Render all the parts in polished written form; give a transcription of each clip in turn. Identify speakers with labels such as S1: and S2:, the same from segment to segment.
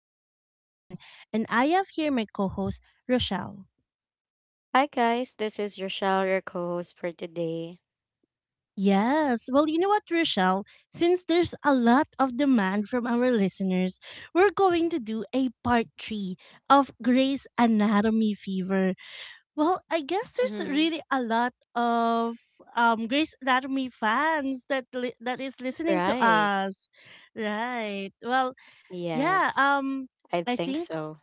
S1: your host, Ron, and I have here my co host, Rochelle.
S2: Hi guys, this is Rochelle, your co-host for today.
S1: Yes. Well, you know what, Rochelle? Since there's a lot of demand from our listeners, we're going to do a part three of Grey's Anatomy Fever. Well, I guess there's
S2: Mm-hmm.
S1: really a lot of Grey's Anatomy fans that that is listening to
S2: Right.
S1: us. Right. Well, yeah.
S2: Yes, I
S1: I
S2: think
S1: think.
S2: so.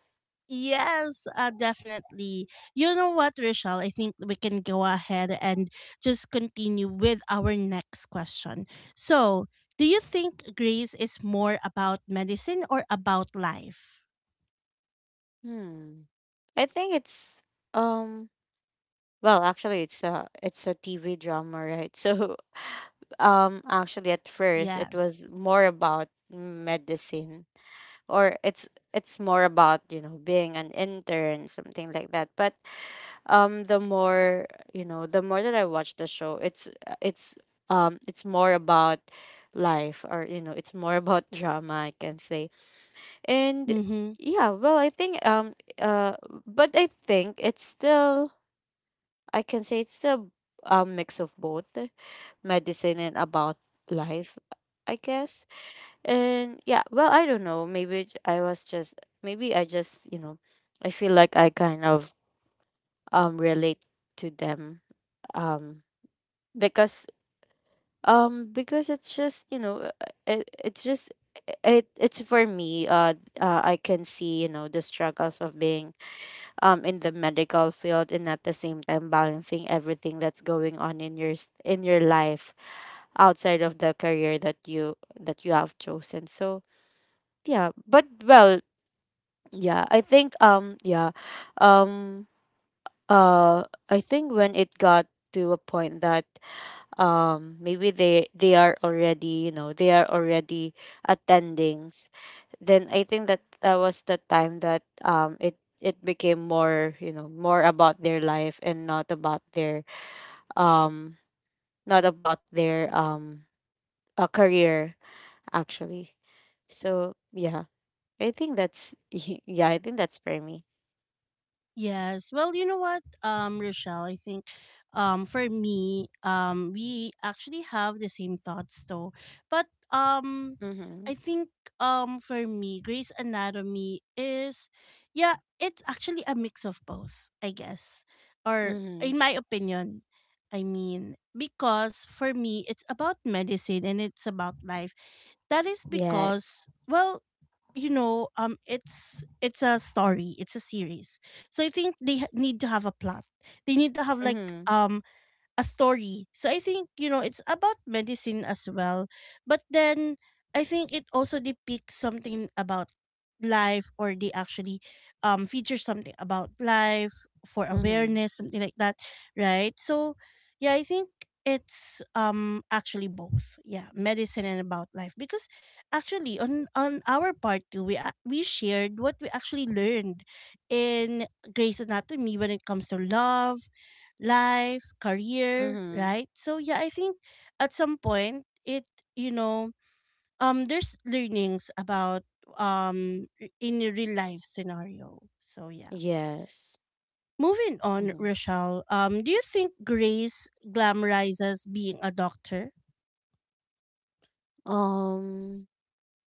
S1: Yes, definitely. You know what, Rochelle? I think we can go ahead and just continue with our next question. So, do you think grace is more about medicine or about life?
S2: Hmm. I think it's um well actually, it's a TV drama, right? So actually at first it
S1: Yes.
S2: was more about medicine or it's more about, you know, being an intern, something like that. But the more you know, the more that I watch the show, it's more about life, or you know, it's more about drama, I can say. And
S1: Mm-hmm.
S2: yeah well I think But I think it's still, I can say it's a mix of both, medicine and about life, I guess. And I don't know, maybe I was just, maybe I just, you know, I feel like I kind of relate to them, um because because it's just, you know, it's just, it's for me, I can see, you know, the struggles of being in the medical field and at the same time balancing everything that's going on in your in your life outside of the career that you have chosen. So yeah. but well yeah I think yeah um I think when it got to a point that maybe they are already, you know, they are already attendings, then I think that was the time that it it became more, you know, more about their life and not about their, um not about their, a career, actually. So yeah, I think that's, yeah, I think that's for me.
S1: Yes. Well, you know what, Rochelle, I think for me, we actually have the same thoughts though. But
S2: Mm-hmm.
S1: I think for me, Grey's Anatomy is, yeah, it's actually a mix of both, I guess. Or
S2: Mm-hmm.
S1: in my opinion, I mean, because for me it's about medicine and it's about life. That is
S2: Yes.
S1: because, well, you know, it's a story, it's a series, so I think they need to have a plot, they need to have like,
S2: Mm-hmm.
S1: a story. So I think, you know, it's about medicine as well. But then I think it also depicts something about life, or they actually feature something about life for
S2: Mm-hmm.
S1: awareness, something like that, right? So yeah, I think it's actually both. Yeah, medicine and about life because actually on our part too, we we shared what we actually learned in Grey's Anatomy when it comes to love, life, career,
S2: Mm-hmm.
S1: right? So yeah, I think at some point it, you know, there's learnings about, in a real life scenario. So yeah.
S2: Yes.
S1: Moving on,
S2: Mm-hmm.
S1: Rochelle, do you think Grace glamorizes being a doctor?
S2: um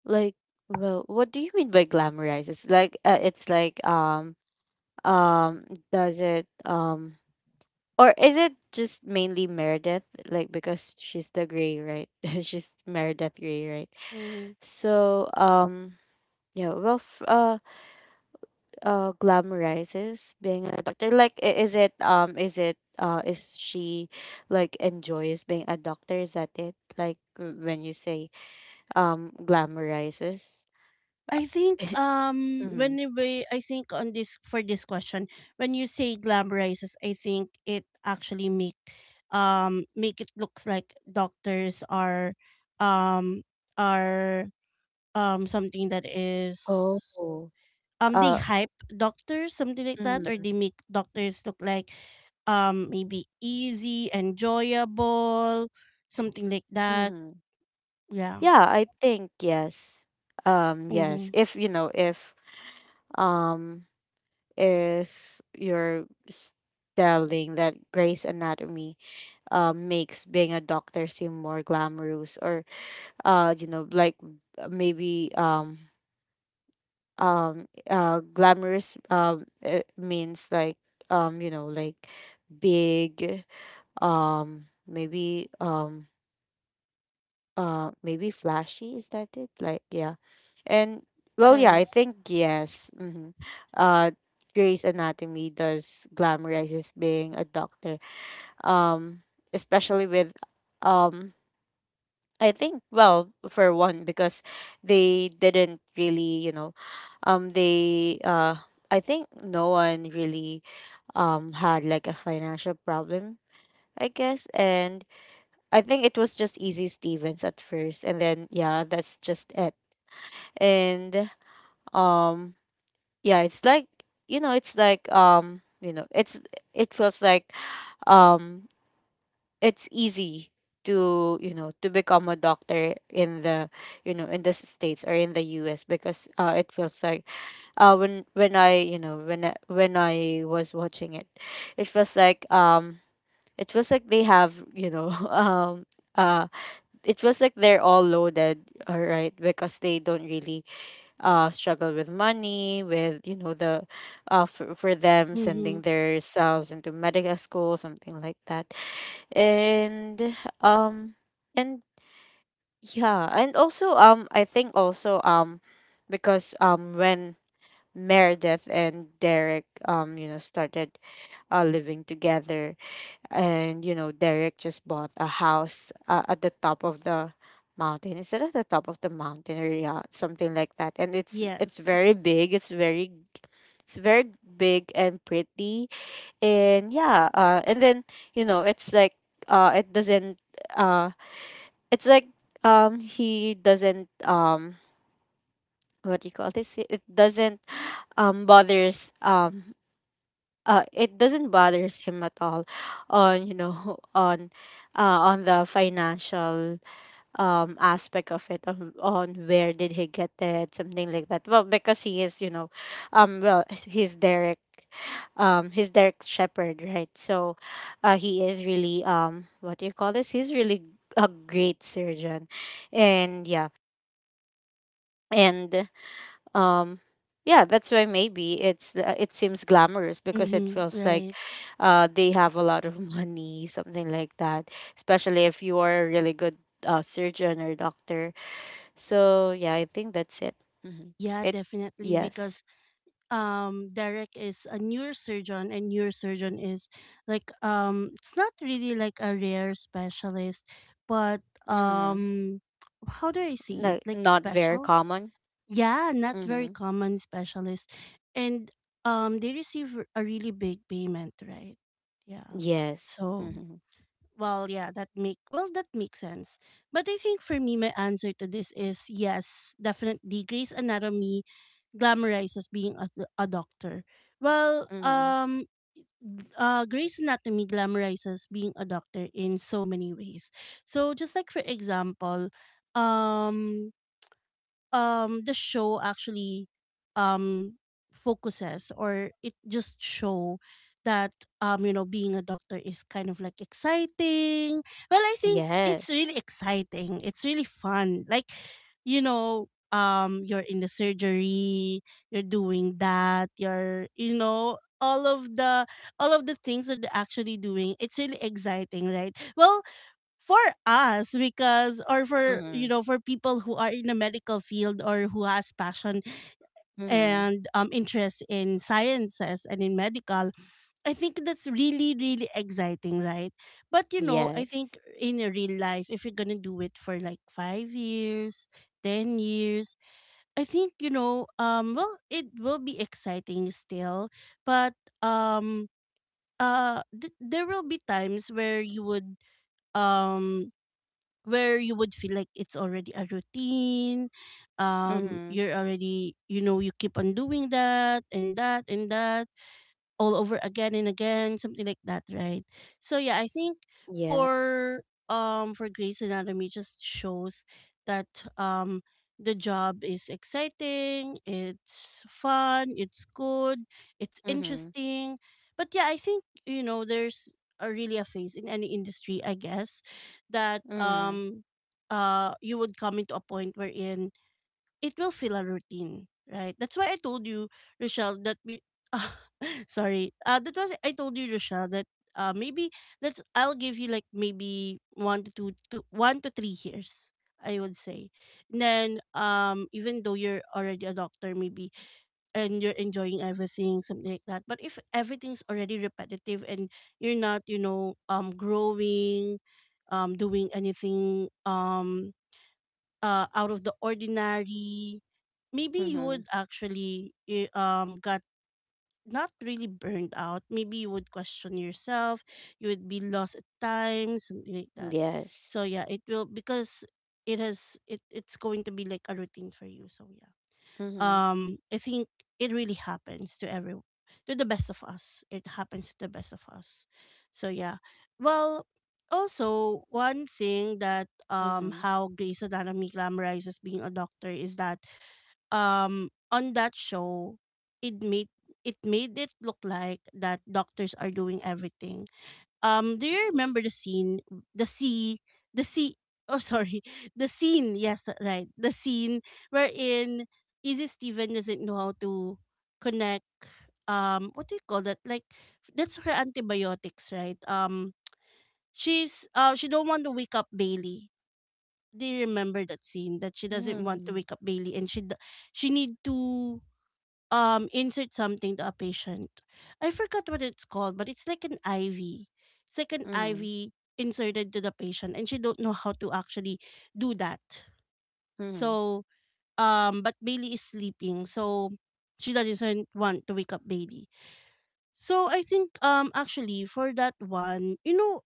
S2: Like, well, what do you mean by glamorize? It's like um does it or is it just mainly Meredith? Like, because she's the Grey, right? She's Meredith Grey, right?
S1: Mm-hmm.
S2: So yeah, glamorizes being a doctor. Like, is it, is she like enjoys being a doctor? Is that it? Like when you say glamorizes.
S1: I think
S2: Mm-hmm.
S1: when you ba- I think on this for this question, when you say glam rises, I think it actually make it looks like doctors are, um are something that is,
S2: Oh.
S1: they
S2: Uh,
S1: hype doctors, something like that, or
S2: Mm-hmm.
S1: they make doctors look like, maybe easy, enjoyable, something like that,
S2: Mm-hmm.
S1: yeah.
S2: Yeah, I think yes. Yes.
S1: Mhm.
S2: Um, if you're telling that Grey's Anatomy makes being a doctor seem more glamorous, or you know, like, maybe glamorous, it means like, you know, like big, um maybe um maybe flashy, is that it? Like, yeah. And well, yeah,
S1: Yes.
S2: I think yes. Hmm. uh Grey's Anatomy does glamorizes being a doctor, um especially with, um I think, well, for one, because they didn't really, you know, they I think no one really had like a financial problem, I guess. And I think it was just Easy Stevens at first, and then yeah, that's just it. And um, yeah, it's like, you know, it feels like, um, it's easy to, you know, to become a doctor in the, you know, in the states, or in the U.S., because it feels like, when I you know when I was watching it, it feels like they have, you know, uh, it feels like they're all loaded, all right, because they don't really struggle with money, with, you know, the for them sending
S1: Mhm.
S2: their selves into medical school, something like that. And um and yeah and also um I think also, because when Meredith and Derek, you know, started living together, and you know, Derek just bought a house at the top of the mountain. Is it at the top of the mountain, or yeah, something like that? And it's
S1: Yes.
S2: very big. It's very big and pretty. And yeah, and then, you know, it's like, uh, it doesn't uh, it's like he doesn't what do you call this? It doesn't bothers it doesn't bothers him at all on, you know, on, on the financial aspect of it, on where did he get it, something like that. Well, because he is, you know, he's Derek, he's Derek Shepherd, right? So he is really, what do you call this, he's really a great surgeon. And yeah, and um yeah, that's why maybe it's, it seems glamorous, because it
S1: Mm-hmm,
S2: feels like
S1: right.
S2: they have a lot of money, something like that, especially if you are a really good surgeon or doctor. So yeah, I think that's it. Hmm.
S1: Yeah,
S2: it
S1: definitely
S2: Yes.
S1: because Derek is a neurosurgeon and neurosurgeon is like, it's not really like a rare specialist, but,
S2: Mm-hmm.
S1: um how do I see
S2: No,
S1: it? Like
S2: not very
S1: special?
S2: common.
S1: Yeah, not very
S2: Mm-hmm.
S1: common specialist. And they receive a really big payment, right? Yeah.
S2: Yes.
S1: So.
S2: Mm-hmm.
S1: Well, yeah, that makes sense. But I think for me, my answer to this is yes, definitely. Grey's Anatomy glamorizes being a doctor. Well,
S2: Mm-hmm.
S1: Grey's Anatomy glamorizes being a doctor in so many ways. So just like for example, um, the show actually um focuses, or it just show that, you know, being a doctor is kind of like exciting. Well, I think it's
S2: Yes.
S1: really exciting, it's really fun, like, you know, you're in the surgery, you're doing that, you're, you know, all of the things that they're actually doing, it's really exciting, right? Well, for us because, or for,
S2: Mm-hmm.
S1: you know, for people who are in the medical field or who has passion
S2: Mm-hmm.
S1: and, interest in sciences and in medical, I think that's really, really exciting, right? But you know, I think
S2: Yes.
S1: in a real life, if you're gonna do it for like 5 years, 10 years, I think, you know, well, it will be exciting still, but, um there will be times um where you would feel like it's already a routine,
S2: Mm-hmm.
S1: you're already, you know, you keep on doing that, and that, and that all over again and again, something like that, right? So yeah, I think
S2: Yes.
S1: for, Grey's Anatomy just shows that, um the job is exciting, it's fun, it's good, it's
S2: Mm-hmm.
S1: interesting. But yeah, I think you know there's a really a phase in any industry, I guess, that
S2: Mm-hmm.
S1: you would come into a point wherein it will feel a routine, right? That's why I told you, Rochelle, that we. uh, Sorry. That was I told you, Rochelle, that, maybe that's, I'll give you like maybe 1 to 2 to 1 to 3 years, I would say. And then, even though you're already a doctor, maybe, and you're enjoying everything, something like that. But if everything's already repetitive and you're not, you know, growing, doing anything, out of the ordinary, maybe you
S2: Mm-hmm.
S1: would actually, got not really burned out. Maybe you would question yourself. You would be lost at times, something like that.
S2: Yes.
S1: So yeah, it will because it has, it's going to be like a routine for you. So yeah,
S2: Mm-hmm.
S1: I think it really happens to every, to the best of us, it happens to the best of us, so yeah. Well, also one thing that,
S2: Mm-hmm.
S1: how Grey's Anatomy glamorizes being a doctor is that, on that show, it made, it made it look like that doctors are doing everything. Do you remember the scene, the sea, the sea? Oh, sorry, the scene. Yes, right. The scene wherein Easy Steven doesn't know how to connect. What do you call that? Like, that's her antibiotics, right? She's, she don't want to wake up Bailey. Do you remember that scene that she doesn't want to
S2: Mm-hmm.
S1: wake up Bailey, and she need to, insert something to a patient. I forgot what it's called, but it's like an IV. It's like an
S2: Mm-hmm.
S1: IV inserted to the patient, and she don't know how to actually do that.
S2: Mm-hmm.
S1: So, but Bailey is sleeping, so she doesn't want to wake up Bailey. So I think, actually for that one, you know,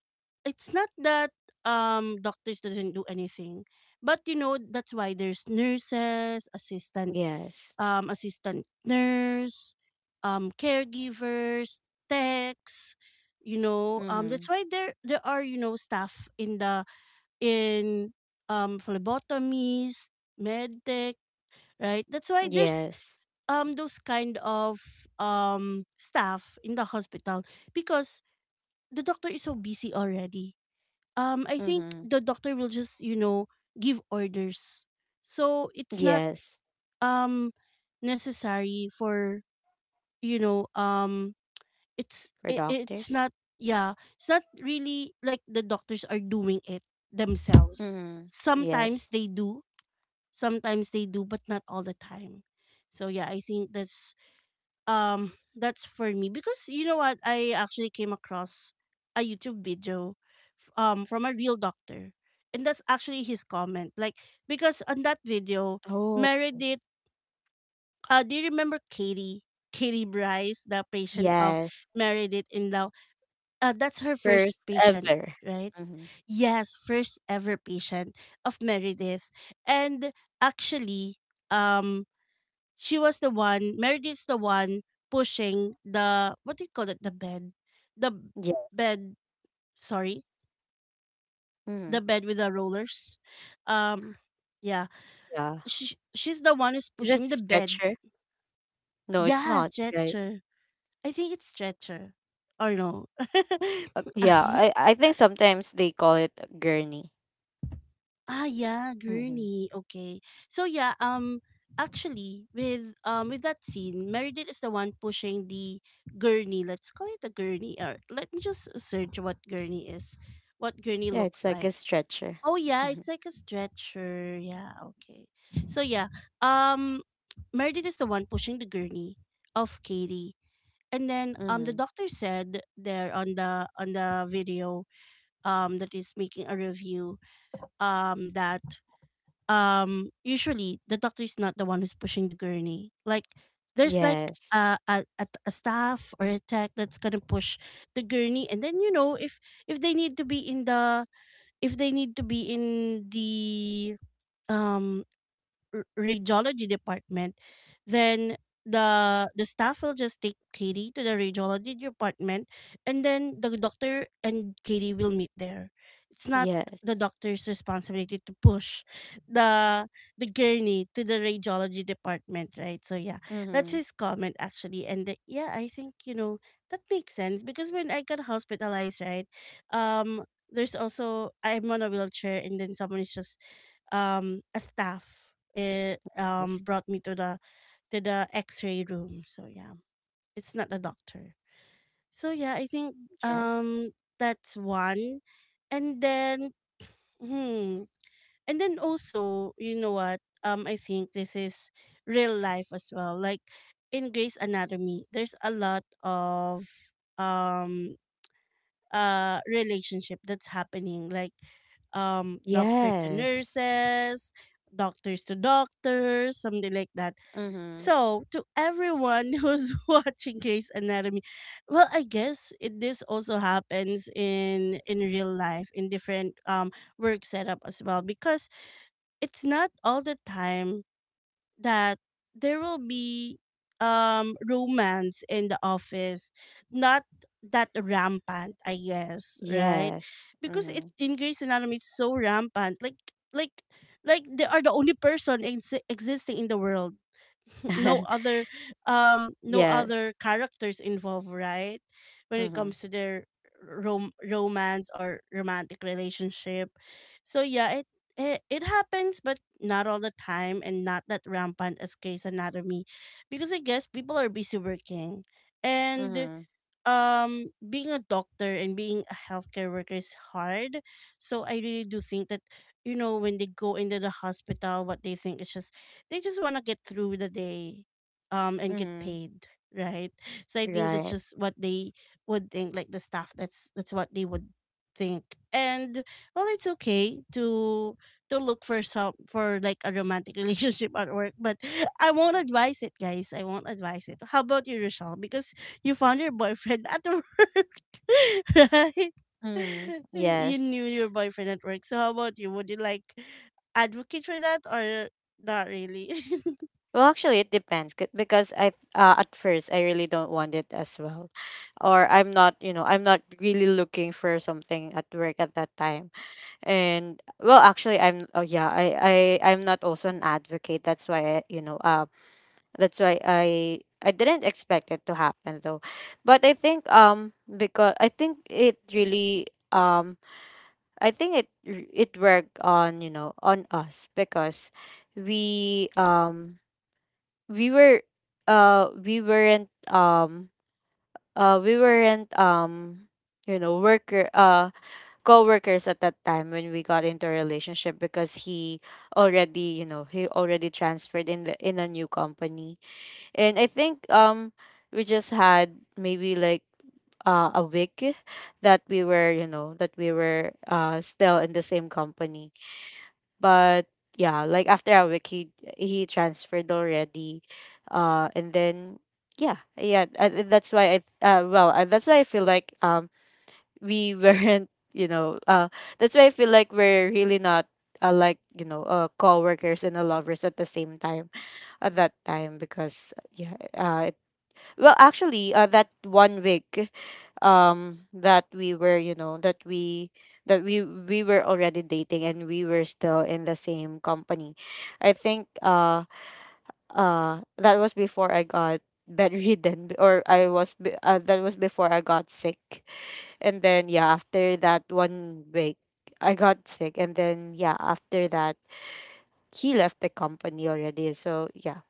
S1: it's not that, doctors doesn't do anything. But you know, that's why there's nurses, assistant,
S2: Yes.
S1: assistant nurse, caregivers, techs. You know,
S2: Mm-hmm.
S1: that's why there are, you know, staff in the, in, phlebotomies, medtech, right? That's why there's,
S2: Yes.
S1: those kind of, staff in the hospital, because the doctor is so busy already. I think
S2: Mm-hmm.
S1: the doctor will just, you know, give orders, so it's not,
S2: Yes.
S1: um necessary for, you know, it's,
S2: For
S1: it's
S2: doctors?
S1: not, yeah, it's not really like the doctors are doing it themselves.
S2: Mm-hmm.
S1: Sometimes
S2: Yes.
S1: they do, sometimes they do, but not all the time. So yeah, I think that's, that's for me, because you know what, I actually came across a YouTube video, from a real doctor, and that's actually his comment, like, because on that video,
S2: Oh.
S1: Meredith, do you remember Katie? Katie Bryce, the patient of
S2: Yes.
S1: Meredith in Law. That's her
S2: First
S1: first patient,
S2: ever.
S1: right?
S2: Mm-hmm.
S1: Yes, first ever patient of Meredith. And actually, um, she was the one, Meredith's the one pushing the, what do you call it, the bed? The
S2: Yes.
S1: bed, sorry,
S2: Mm-hmm.
S1: the bed with the rollers. Um, yeah,
S2: Yeah.
S1: she's the one who's
S2: Is that
S1: pushing the bed.
S2: stretcher? No, it's
S1: Yes,
S2: not, right?
S1: stretcher. I think it's stretcher. Or no.
S2: Yeah, I think sometimes they call it a gurney.
S1: Ah yeah,
S2: Mm-hmm.
S1: gurney. Okay. So yeah, actually with, that scene, Meredith is the one pushing the gurney. Let's call it a gurney. Or let me just search what gurney is. What gurney
S2: Yeah, it's
S1: looks
S2: like a
S1: like.
S2: stretcher.
S1: Oh yeah,
S2: Mm-hmm.
S1: it's like a stretcher. Yeah, okay. So yeah, um Meredith is the one pushing the gurney of Katie. And then,
S2: Mm-hmm.
S1: the doctor said there on the video, that is making a review, that, usually the doctor is not the one who's pushing the gurney. Like, there's like
S2: Yes.
S1: a staff or a tech that's gonna push the gurney, and then you know, if, they need to be in the, if they need to be in the um radiology department, then the staff will just take Katie to the radiology department, and then the doctor and Katie will meet there. It's not the
S2: Yes.
S1: doctor's responsibility to push the the gurney to the radiology department, right? So yeah, that's
S2: Mm-hmm.
S1: his comment actually, and yeah, I think that makes sense because when I got hospitalized, right, um, there's also I'm on a wheelchair, and then someone is just a staff
S2: Yes.
S1: brought me to the x-ray room. So yeah, it's not a doctor. So yeah, I think
S2: Yes.
S1: um that's one. And then hmm and then also, you know what? I think this is real life as well, like in Grey's Anatomy there's a lot of um relationship that's happening, like doctor to
S2: Yes.
S1: nurses, doctors to doctors, something like that.
S2: Mhm.
S1: So to everyone who's watching Grey's Anatomy, well, I guess it this also happens in real life in different work setup as well, because it's not all the time that there will be romance in the office, not that rampant, I guess, right?
S2: Yes.
S1: Because it
S2: Mhm.
S1: in Grey's Anatomy it's so rampant, like like like they are the only person existing in the world. No other no
S2: Yes.
S1: other characters involved, right? When it
S2: Mhm.
S1: comes to their romance or romantic relationship. So yeah, it happens, but not all the time and not that rampant as case anatomy. Because I guess people are busy working, and
S2: Mhm.
S1: being a doctor and being a healthcare worker is hard. So I really do think that, you know, when they go into the hospital, what they think is just they just want to get through the day and get
S2: Mhm.
S1: paid, right? So I think that's
S2: Right.
S1: just what they would think, like the staff, that's what they would think. And well, it's okay to look for some for like a romantic relationship at work, but I won't advise it, guys. I won't advise it. How about you, Rochelle? Because you found your boyfriend at work, right?
S2: Mhm.
S1: You
S2: Yes.
S1: knew your boyfriend at work. So how about you? Would you like advocate for that, or not really?
S2: It depends because I at first I really don't want it as well, or I'm not, you know, I'm not really looking for something at work at that time. And well, actually, I'm oh yeah I I'm not also an advocate. That's why I, you know, that's why I didn't expect it to happen though. But I think because I think it really I think it worked on, you know, on us, because we um we were we weren't we weren't, you know worker co-workers at that time when we got into a relationship, because he already, you know, he already transferred in the, in a new company. And I think we just had maybe like a week that we were, you know, that we were still in the same company. But yeah, like after a week he transferred already. And then yeah, that's why that's why I feel like we weren't, you know, that's why I feel like we're really not, like, you know, co-workers and, lovers at the same time at that time, because well, actually, that one week, that we were, you know, that we were already dating and we were still in the same company. I think, that was before I got bedridden, b- or I was be- that was before I got sick. And then yeah, after that one week, I got sick, and then yeah, after that he left the company already. So yeah,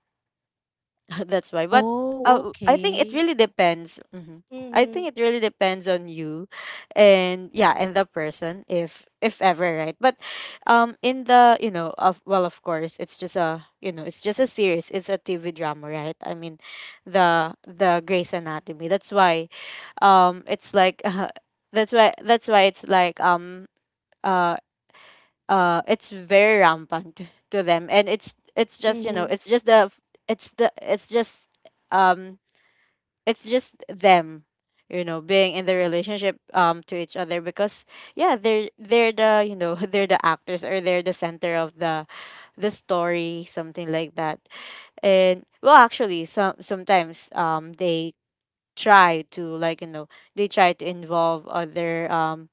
S2: that's why. But
S1: Oh,
S2: I think it
S1: okay.
S2: really depends. Hmm. I
S1: Mm-hmm.
S2: think it really depends on you, and yeah, and the person, if ever, right? But in the, you know, of, well, of course, it's just a, you know, it's just a series. It's a TV drama, right? I mean, the Grey's Anatomy. That's why, it's like, that's why, it's like, Uh, it's very rampant to them, and it's just, you
S1: Mm-hmm.
S2: know, it's just the f- it's the um it's just them, you know, being in the relationship, to each other, because yeah, they're the, you know, they're the actors, or they're the center of the story, something like that. And well, actually, sometimes, they try to, like, you know, they try to involve other,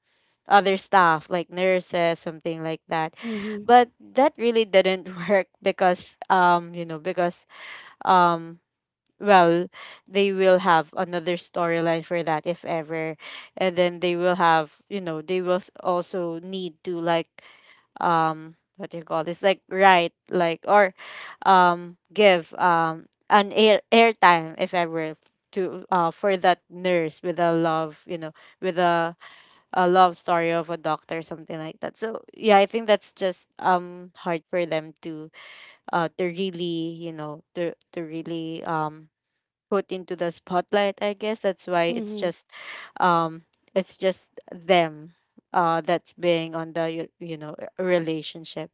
S2: other staff, like nurses, something like that,
S1: Mm-hmm.
S2: but that really didn't work, because, you know, because, um well they will have another storyline for that, if ever, and then they will have, you know, they will also need to, like, what do you call this, like, right, like, or give an airtime, if ever, to for that nurse with a love, you know, with a love story of a doctor, something like that. So yeah, I think that's just hard for them to really, you know, to really put into the spotlight, I guess. That's why
S1: Mm-hmm.
S2: um it's just them, that's being on the, you know, relationship.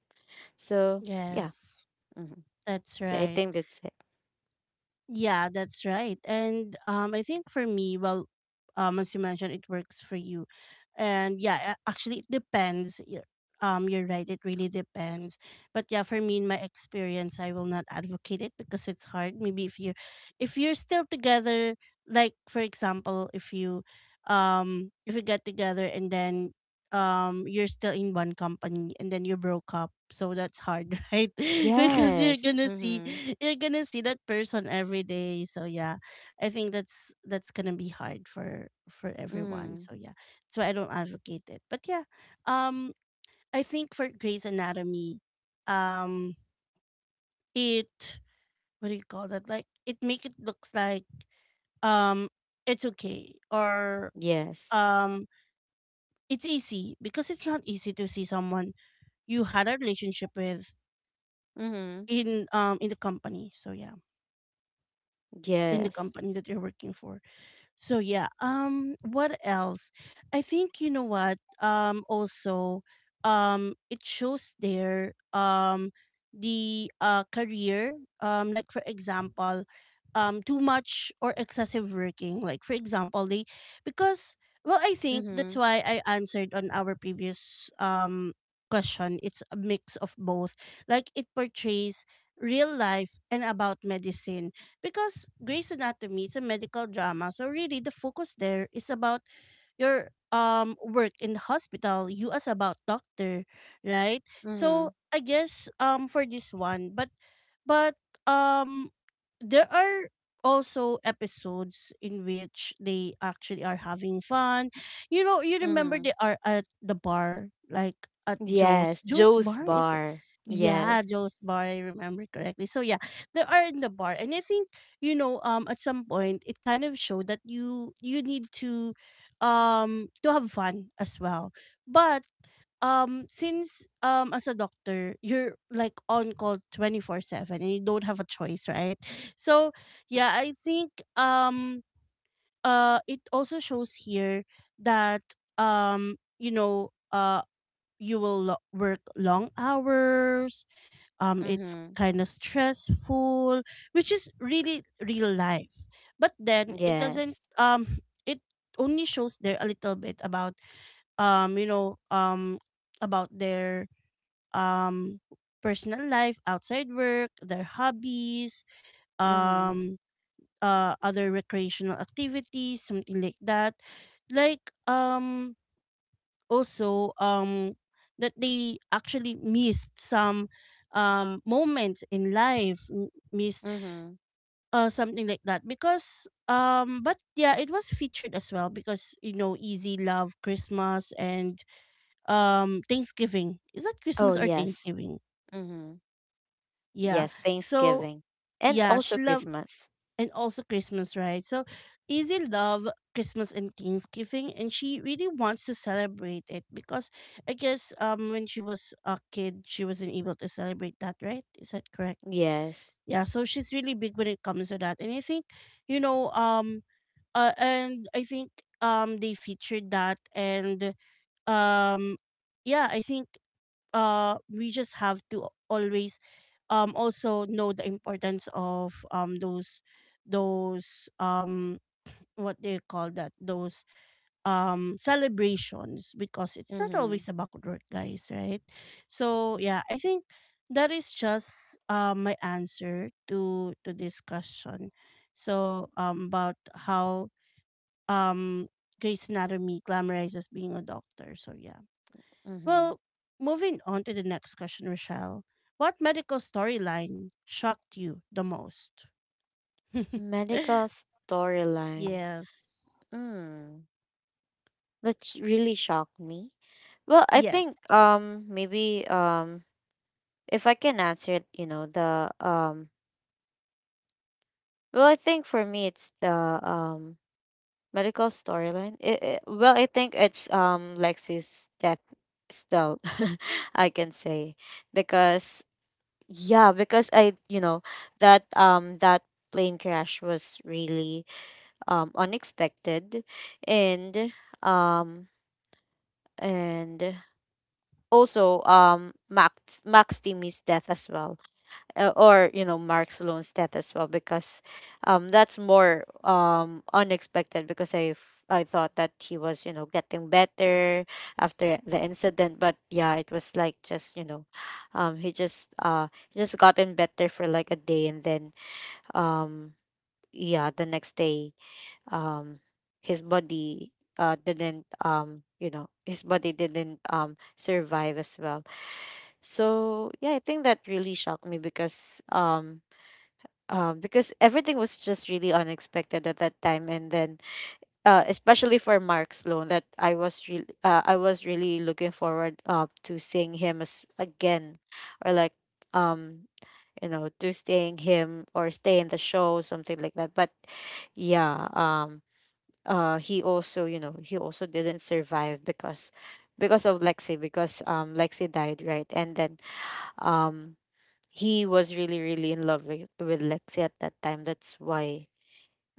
S2: So yeah,
S1: Yes.
S2: hmm,
S1: That's
S2: yeah, I
S1: right.
S2: think that's it.
S1: Yeah, that's right. And I think for me, well, as you mentioned, it works for you, and yeah, actually, it depends. You're right. It really depends. But yeah, for me, in my experience, I will not advocate it because it's hard. Maybe if you're still together, like for example, if you get together, and then you're still in one company and then you broke up, so that's hard, right? Because
S2: Yes. Mm-hmm.
S1: you're gonna see that person every day. So yeah, I think that's gonna be hard for everyone.
S2: Mm-hmm.
S1: So yeah, so I don't advocate it, but yeah, um I think for Grey's Anatomy, um it, what do you call that, like it make it looks like um it's okay, or
S2: Yes.
S1: um it's easy, because it's not easy to see someone you had a relationship with
S2: Mm-hmm.
S1: in in the company. So yeah, in the
S2: Yes.
S1: company that you're working for. So yeah, what else? I think you know what? Also it shows there the career, like for example too much or excessive working, like for example they, because, well, I think that's
S2: Mm-hmm.
S1: why I answered on our previous question. It's a mix of both, like it portrays real life and about medicine, because Grey's Anatomy is a medical drama, so really the focus there is about your work in the hospital, you as about doctor, right?
S2: Mm-hmm.
S1: So I guess for this one, but but um there are also episodes in which they actually are having fun. You know, you remember
S2: Mm-hmm.
S1: they are at the bar, like at Joe's.
S2: Yes.
S1: Joe's
S2: Joe's
S1: bar is the
S2: Bar.
S1: yeah,
S2: Yes.
S1: Joe's bar, I remember correctly. So yeah, they are in the bar, and I think, you know, at some point it kind of showed that you need to to have fun as well, but since as a doctor you're like on call 24/7 and you don't have a choice, right? So yeah, I think it also shows here that, you know, you will work long hours. It's
S2: Mm-hmm.
S1: kind of stressful, which is really real life. But then it doesn't,
S2: Yes.
S1: it only shows there a little bit about, you know, about their um personal life outside work, their hobbies,
S2: Mm-hmm.
S1: um other recreational activities, something like that. Like also that they actually missed some moments in life, missed
S2: Mm-hmm.
S1: something like that, because but yeah, it was featured as well, because you know easy love Christmas and Thanksgiving. Is that
S2: Oh
S1: Christmas or
S2: yes.
S1: Thanksgiving?
S2: Mm-hmm.
S1: Yeah,
S2: Yes.
S1: so
S2: Thanksgiving and
S1: yeah
S2: also
S1: she loved
S2: Christmas.
S1: and also Christmas, right? So Izzy love Christmas and Thanksgiving, and she really wants to celebrate it, because I guess when she was a kid she wasn't able to celebrate that, right? Is that correct?
S2: Yes.
S1: Yeah, so she's really big when it comes to that. And I think, you know, and I think they featured that, and um yeah, I think we just have to always also know the importance of those those um what do you call that, those celebrations, because it's not
S2: Mm-hmm.
S1: always about work, guys, right? So yeah, I think that is just my answer to this question. So about how um Grey's Anatomy glamorizes being a doctor. So yeah,
S2: Mm-hmm.
S1: well, moving on to the next question, Rochelle. What medical storyline shocked you the most?
S2: Medical storyline.
S1: Yes.
S2: Mm. That really shocked me. Well, I
S1: Yes.
S2: think maybe if I can answer it, you know, the well, I think for me it's the medical storyline. Well, I think it's Lexi's death still I can say because yeah, because that plane crash was really unexpected and um and also Max Timmy's death as well, or you know Mark Sloan's death as well, because that's more unexpected because I thought that he was you know getting better after the incident, but yeah, it was like just he just gotten better for like a day, and then um yeah, the next day um his body didn't you know his body didn't survive as well. So yeah, I think that really shocked me because everything was just really unexpected at that time, and then especially for Mark Sloan, that I was really looking forward to seeing him as again, or like um you know, to seeing him or stay in the show, something like that. But yeah, he also you know he also didn't survive because because of Lexi, because Lexi died, right, and then um he was really really in love with Lexi at that time. That's why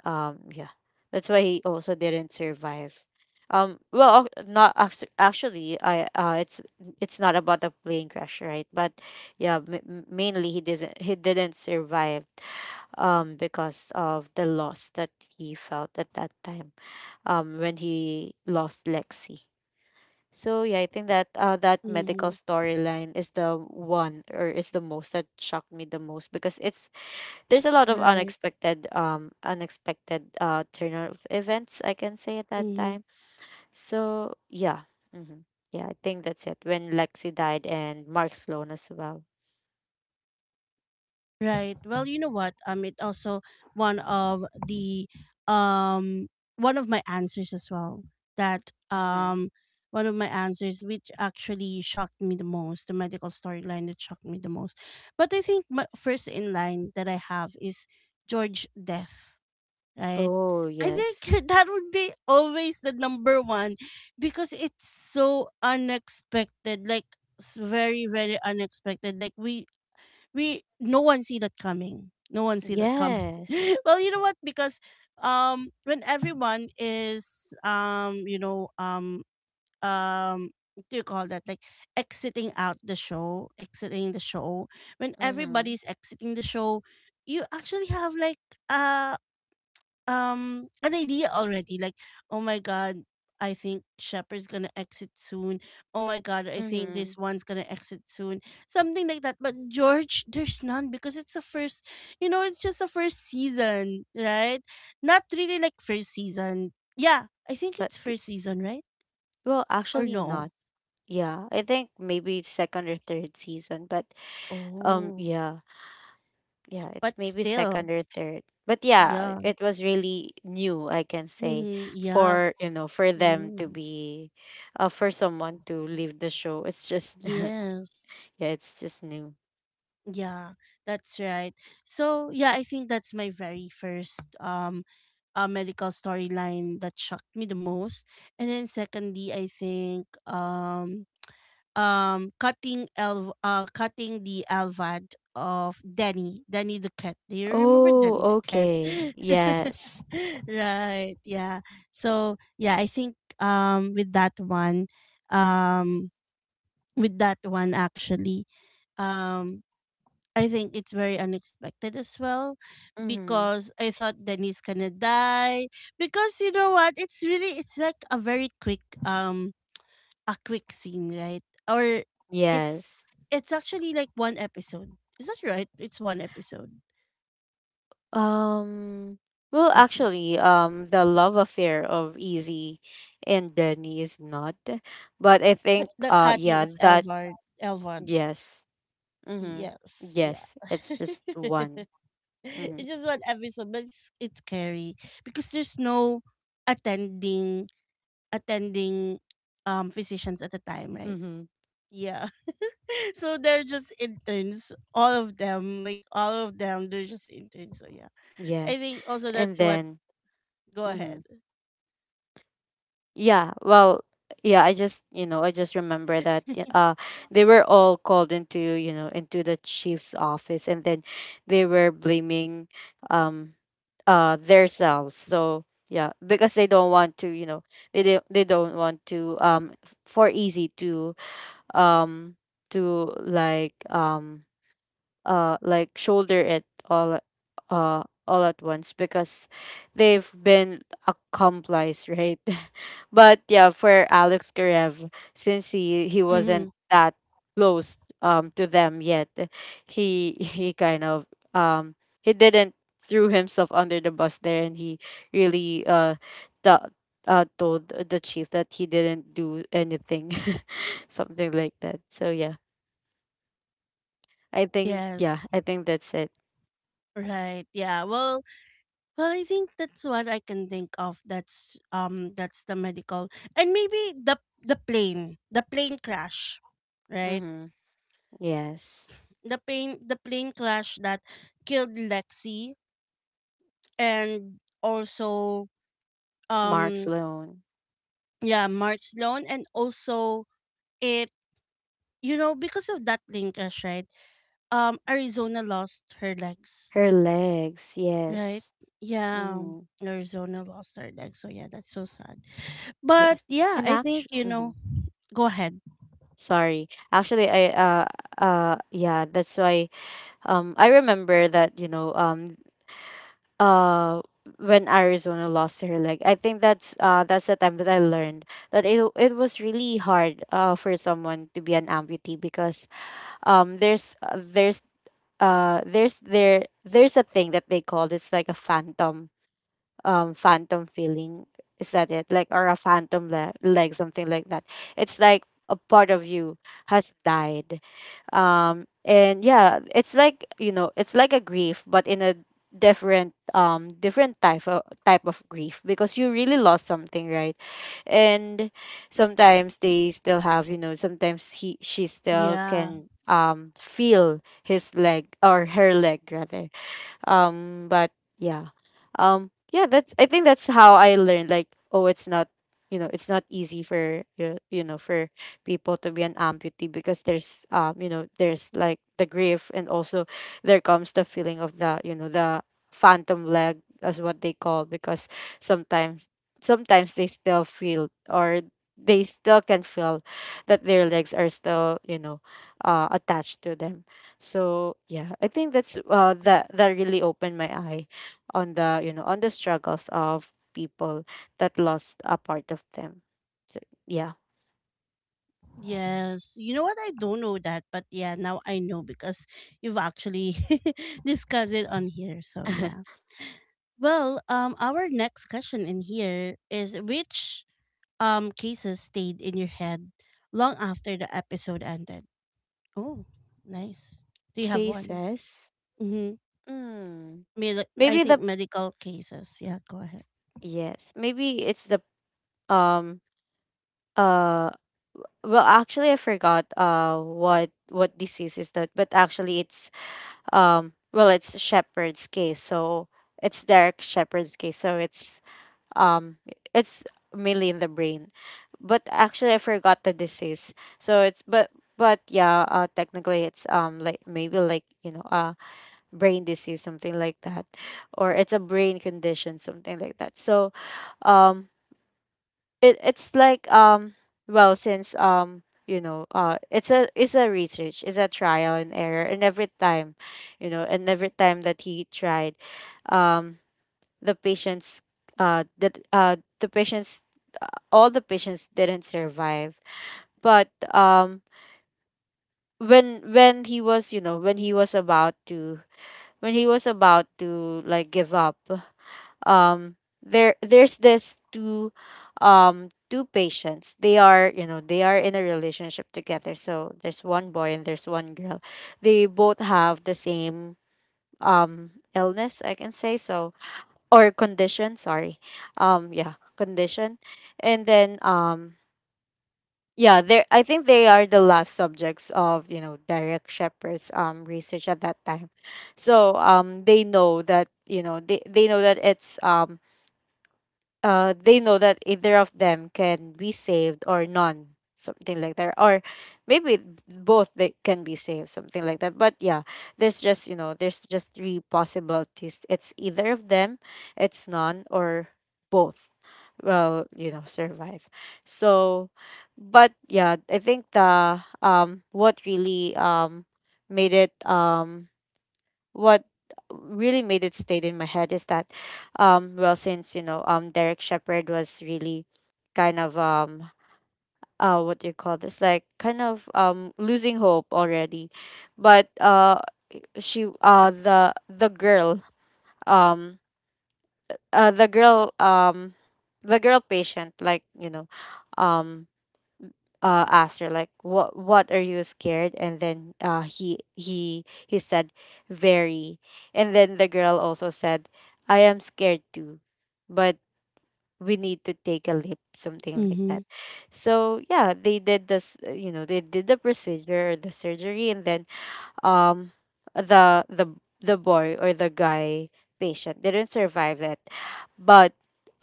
S2: yeah. That's why he also didn't survive. Well ac- not actu- actually I it's not about the plane crash, right? But yeah, mainly he didn't survive because of the loss that he felt at that time when he lost Lexi. So yeah, I think that that medical
S1: Mm-hmm.
S2: storyline is the one, or is the most that shocked me the most, because it's there's a lot of
S1: Right.
S2: unexpected unexpected turn of events, I can say, at that
S1: Mm-hmm.
S2: time. So yeah, hmm yeah, I think that's it. When Lexi died and Mark Sloan as well.
S1: Right. Well, you know what? It also one of the um one of my answers as well. That,
S2: Mm-hmm.
S1: one of my answers which actually shocked me the most, the medical storyline that shocked me the most. But I think my first in line that I have is George Death, right?
S2: Oh
S1: I
S2: yes,
S1: think that would be always the number one, because it's so unexpected, like very, very unexpected. Like no one see that coming. No one see that coming.
S2: yes.
S1: Well, you know what? Because when everyone is you know what do you call that? Like exiting out the show, exiting the show. When
S2: Mm-hmm.
S1: everybody's exiting the show, you actually have like a an idea already, like, oh my God, I think Shepherd's gonna exit soon. Oh my God, I think
S2: Mm-hmm.
S1: this one's gonna exit soon, something like that. But George, there's none, because it's a first, you know, it's just a first season, right? Not really like first season. Yeah, I think
S2: But
S1: it's first season, right?
S2: well,
S1: Or
S2: actually
S1: no?
S2: not. Yeah, I think maybe second or third season. But
S1: Oh,
S2: yeah, yeah, it's
S1: but
S2: maybe
S1: still.
S2: second or third, but yeah,
S1: Yeah.
S2: it was really new, I can say,
S1: Mm-hmm. Yeah. But
S2: for you know for them
S1: mm,
S2: to be for someone to leave the show, it's just
S1: yes.
S2: yeah, it's just new.
S1: Yeah, that's right. So yeah, I think that's my very first medical storyline that shocked me the most. And then, secondly, I think cutting the Alvad of Danny, Danny the cat. Do you remember
S2: Oh,
S1: Danny the cat?
S2: okay, yes.
S1: Right. Yeah. So yeah, I think um with that one actually. Um I think it's very unexpected as well,
S2: Mm-hmm.
S1: because I thought Danny's gonna die. Because you know what? It's like a very quick a quick scene, right? Or it's
S2: Yes.
S1: it's actually like one episode. Is that right? It's one episode.
S2: um well
S1: Hmm.
S2: actually the love affair of easy and Danny is not, but I
S1: But
S2: think
S1: the cutting
S2: yeah,
S1: of
S2: that
S1: Elvard. Elvard.
S2: yes. Mm-hmm.
S1: Yes, yeah.
S2: Yes, it's just one.
S1: It's
S2: Mm-hmm.
S1: just one episode, but it's scary, because there's no attending attending physicians at the time, right?
S2: Mm-hmm.
S1: Yeah. So they're just interns, all of them, like all of them, they're just interns. So yeah, I
S2: Yes.
S1: think also that's
S2: And
S1: what,
S2: then,
S1: go
S2: mm-hmm.
S1: ahead.
S2: Yeah, well, yeah, I just, you know, I just remember that they were all called into, you know, into the chief's office, and then they were blaming um themselves. So, yeah, because they don't want to, you know, they don't want to for easy um to like shoulder it all at once because they've been accomplice, right. But yeah, for Alex Karev, since he wasn't
S1: Mhm.
S2: that close to them yet, he he kind of um he didn't threw himself under the bus there, and he really t- told the chief that he didn't do anything, something like that. So yeah, I think, yeah,
S1: Yes.
S2: I think that's it.
S1: Right. Yeah. Well, I think that's what I can think of. That's, the medical. And maybe the plane crash, right?
S2: Mm-hmm. Yes.
S1: The plane crash that killed Lexi, and also
S2: Mark's
S1: um
S2: Sloan.
S1: yeah, Mark Sloan. And also it you know, because of that plane crash, right? Arizona lost her legs,
S2: Her legs.
S1: right?
S2: Yes.
S1: Yeah.
S2: Mm-hmm.
S1: Arizona lost her legs. So yeah, that's so sad. But
S2: Yes.
S1: yeah,
S2: And
S1: I think,
S2: actually,
S1: you
S2: mm-hmm.
S1: know, go ahead.
S2: Sorry. Actually, I yeah. That's why I remember that you know uh when Arizona lost her leg, I think that's the time that I learned that it was really hard for someone to be an amputee, because there's there's a thing that they called, it's like a phantom phantom feeling, is that it, like, or a phantom leg, something like that. It's like a part of you has died, and yeah, it's like you know it's like a grief, but in a different different type of grief, because you really lost something, right. And sometimes they still have, you know, sometimes he she still
S1: Yeah.
S2: can feel his leg or her leg rather, but yeah, yeah, that's, I think that's how I learned, like, oh, it's not, you know, it's not easy for you, you know, for people to be an amputee, because there's you know there's like the grief, and also there comes the feeling of, the you know, the phantom leg, as what they call, because sometimes sometimes they still feel or they still can feel that their legs are still, you know, attached to them. So yeah, I think that's that that really opened my eye on, the you know, on the struggles of people that lost a part of them. So, yeah.
S1: Yes. You know what? I don't know that, but yeah, now I know because you've actually discussed it on here. So yeah. Well, our next question in here is, which cases stayed in your head long after the episode ended? Oh, nice. Do you have
S2: Kay
S1: one?
S2: says,
S1: Mm-hmm.
S2: mm,
S1: I
S2: maybe
S1: think
S2: the
S1: medical cases. Yeah, go ahead.
S2: yes, maybe it's the um uh well, actually, I forgot what disease is that, but actually it's, well, it's shepherd's case, so it's Derek Shepherd's case, so um it's mainly in the brain, but actually I forgot the disease, so it's but yeah, technically it's like maybe like you know brain disease, something like that, or it's a brain condition, something like that. So um it it's like well, since you know it's a research, it's a trial and error, and every time, you know, and every time that he tried, um the patients, the patients, all the patients didn't survive. But when he was, you know, when he was about to, when he was about to like give up, um there there's this two two patients, they are, you know, they are in a relationship together, so there's one boy and there's one girl. They both have the same illness, I can say, so, or condition, sorry, yeah, condition. And then yeah, they, I think they are the last subjects of, you know, Derek Shepherd's research at that time. So they know that, you know, they know that it's they know that either of them can be saved or none, something like that. Or maybe both they can be saved, something like that. But yeah, there's just, you know, there's just three possibilities. It's either of them, it's none, or both will, you know, survive. So but yeah, I think the what really made it what really made it stayed in my head is that well, since you know Derek Shepherd was really kind of what do you call this, like, kind of losing hope already. But she the girl um the girl the girl patient, like, you know, um asked her like, what, are you scared? And then he said very. And then the girl also said, I am scared too, but we need to take a leap, something like that.
S1: Mm-hmm.
S2: So yeah, they did this, you know, they did the procedure, the surgery, and then um the the the boy or the guy patient didn't survive it. But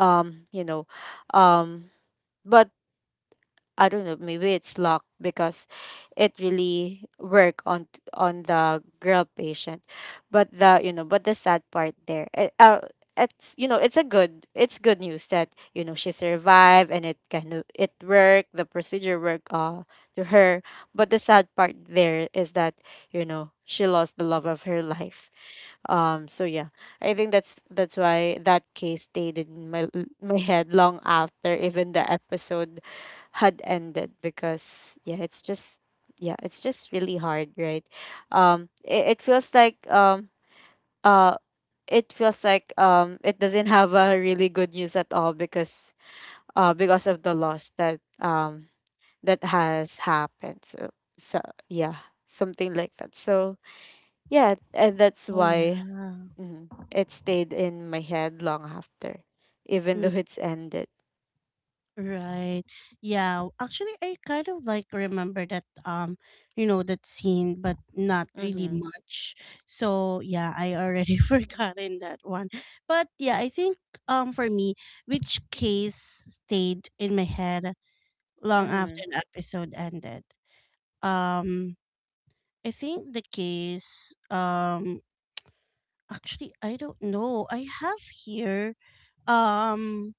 S2: you know um but I don't know, maybe it's luck, because it really work on on the girl patient. But the, you know, but the sad part there, it's, you know, it's a good, it's good news that, you know, she survived, and it kind of it worked, the procedure worked to her. But the sad part there is that, you know, she lost the love of her life, so yeah, I think that's why that case stayed in my my head long after, even the episode had ended, because yeah, it's just, yeah, it's just really hard, right? It feels like uh it feels like it doesn't have a really good news at all, because of the loss that that has happened. So so yeah, something like that. So yeah, and that's
S1: Oh
S2: why
S1: yeah.
S2: mhm, it stayed in my head long after, even though it's ended.
S1: Right. Yeah. Actually, I kind of like remember that, you know, that scene, but not really
S2: Mhm.
S1: much. So yeah, I already forgotten that one. But yeah, I think for me, which case stayed in my head long after
S2: Mhm.
S1: the episode ended? Um, I think the case, actually I don't know. I have here um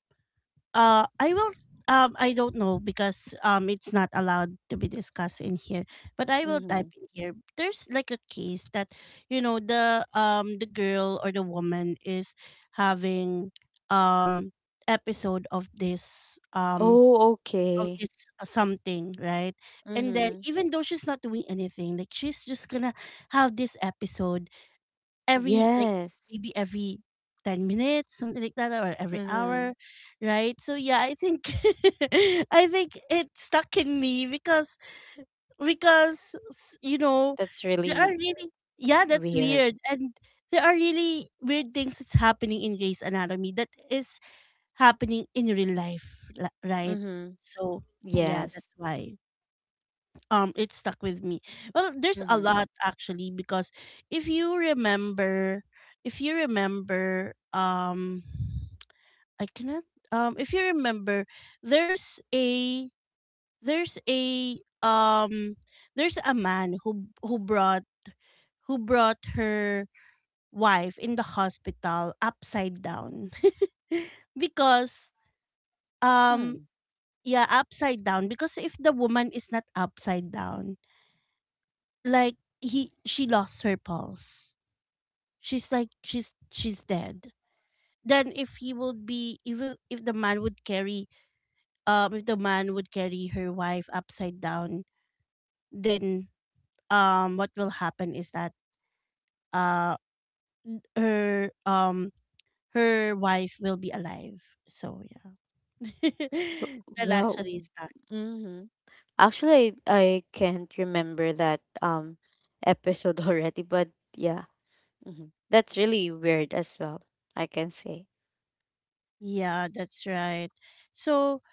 S1: I will, I don't know, because it's not allowed to be discussed in here. But I will type
S2: Mhm.
S1: in here. There's like a case that, you know, the girl or the woman is having um episode of this um
S2: Oh,
S1: of
S2: okay.
S1: this something, right? And then,
S2: Mhm.
S1: even though she's not doing anything, like, she's just gonna have this episode every, like,
S2: Yes.
S1: maybe every 10 minutes, something like that, or every
S2: Mhm.
S1: hour, right? So yeah, I think I think it stuck in me because because
S2: That's
S1: there are
S2: really
S1: really yeah, that's
S2: weird.
S1: weird, and there are really weird things that's happening in Grey's Anatomy that is happening in real life, right.
S2: Mhm.
S1: So yeah,
S2: Yes.
S1: that's why it stuck with me. Well, there's a
S2: Mhm.
S1: lot, actually, because if you remember if you remember I cannot if you remember, there's a, there's a um there's a man who brought, who brought her wife in the hospital upside down, because um
S2: Hmm.
S1: yeah, upside down, because if the woman is not upside down, like, he she lost her pulse, she's like, she's dead. Then if he would be, if the man would carry, if the man would carry her wife upside down, then what will happen is that, uh her, her wife will be alive. So yeah. That
S2: Well,
S1: actually is that.
S2: mhm. Actually, I can't remember that episode already, but yeah. Mhm. That's really weird as well, I can say.
S1: Yeah, that's right. So,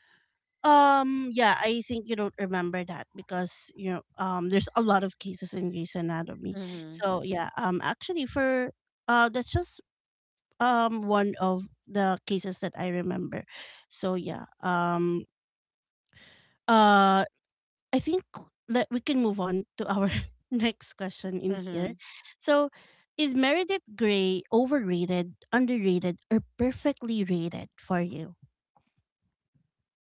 S1: Yeah, I think you don't remember that because, there's a lot of cases in Grey's Anatomy.
S2: Mhm.
S1: So yeah, actually, for that's just one of the cases that I remember. So yeah, uh, I think that we can move on to our next question in here.
S2: Mhm.
S1: So, is Meredith Grey overrated, underrated, or perfectly rated for you?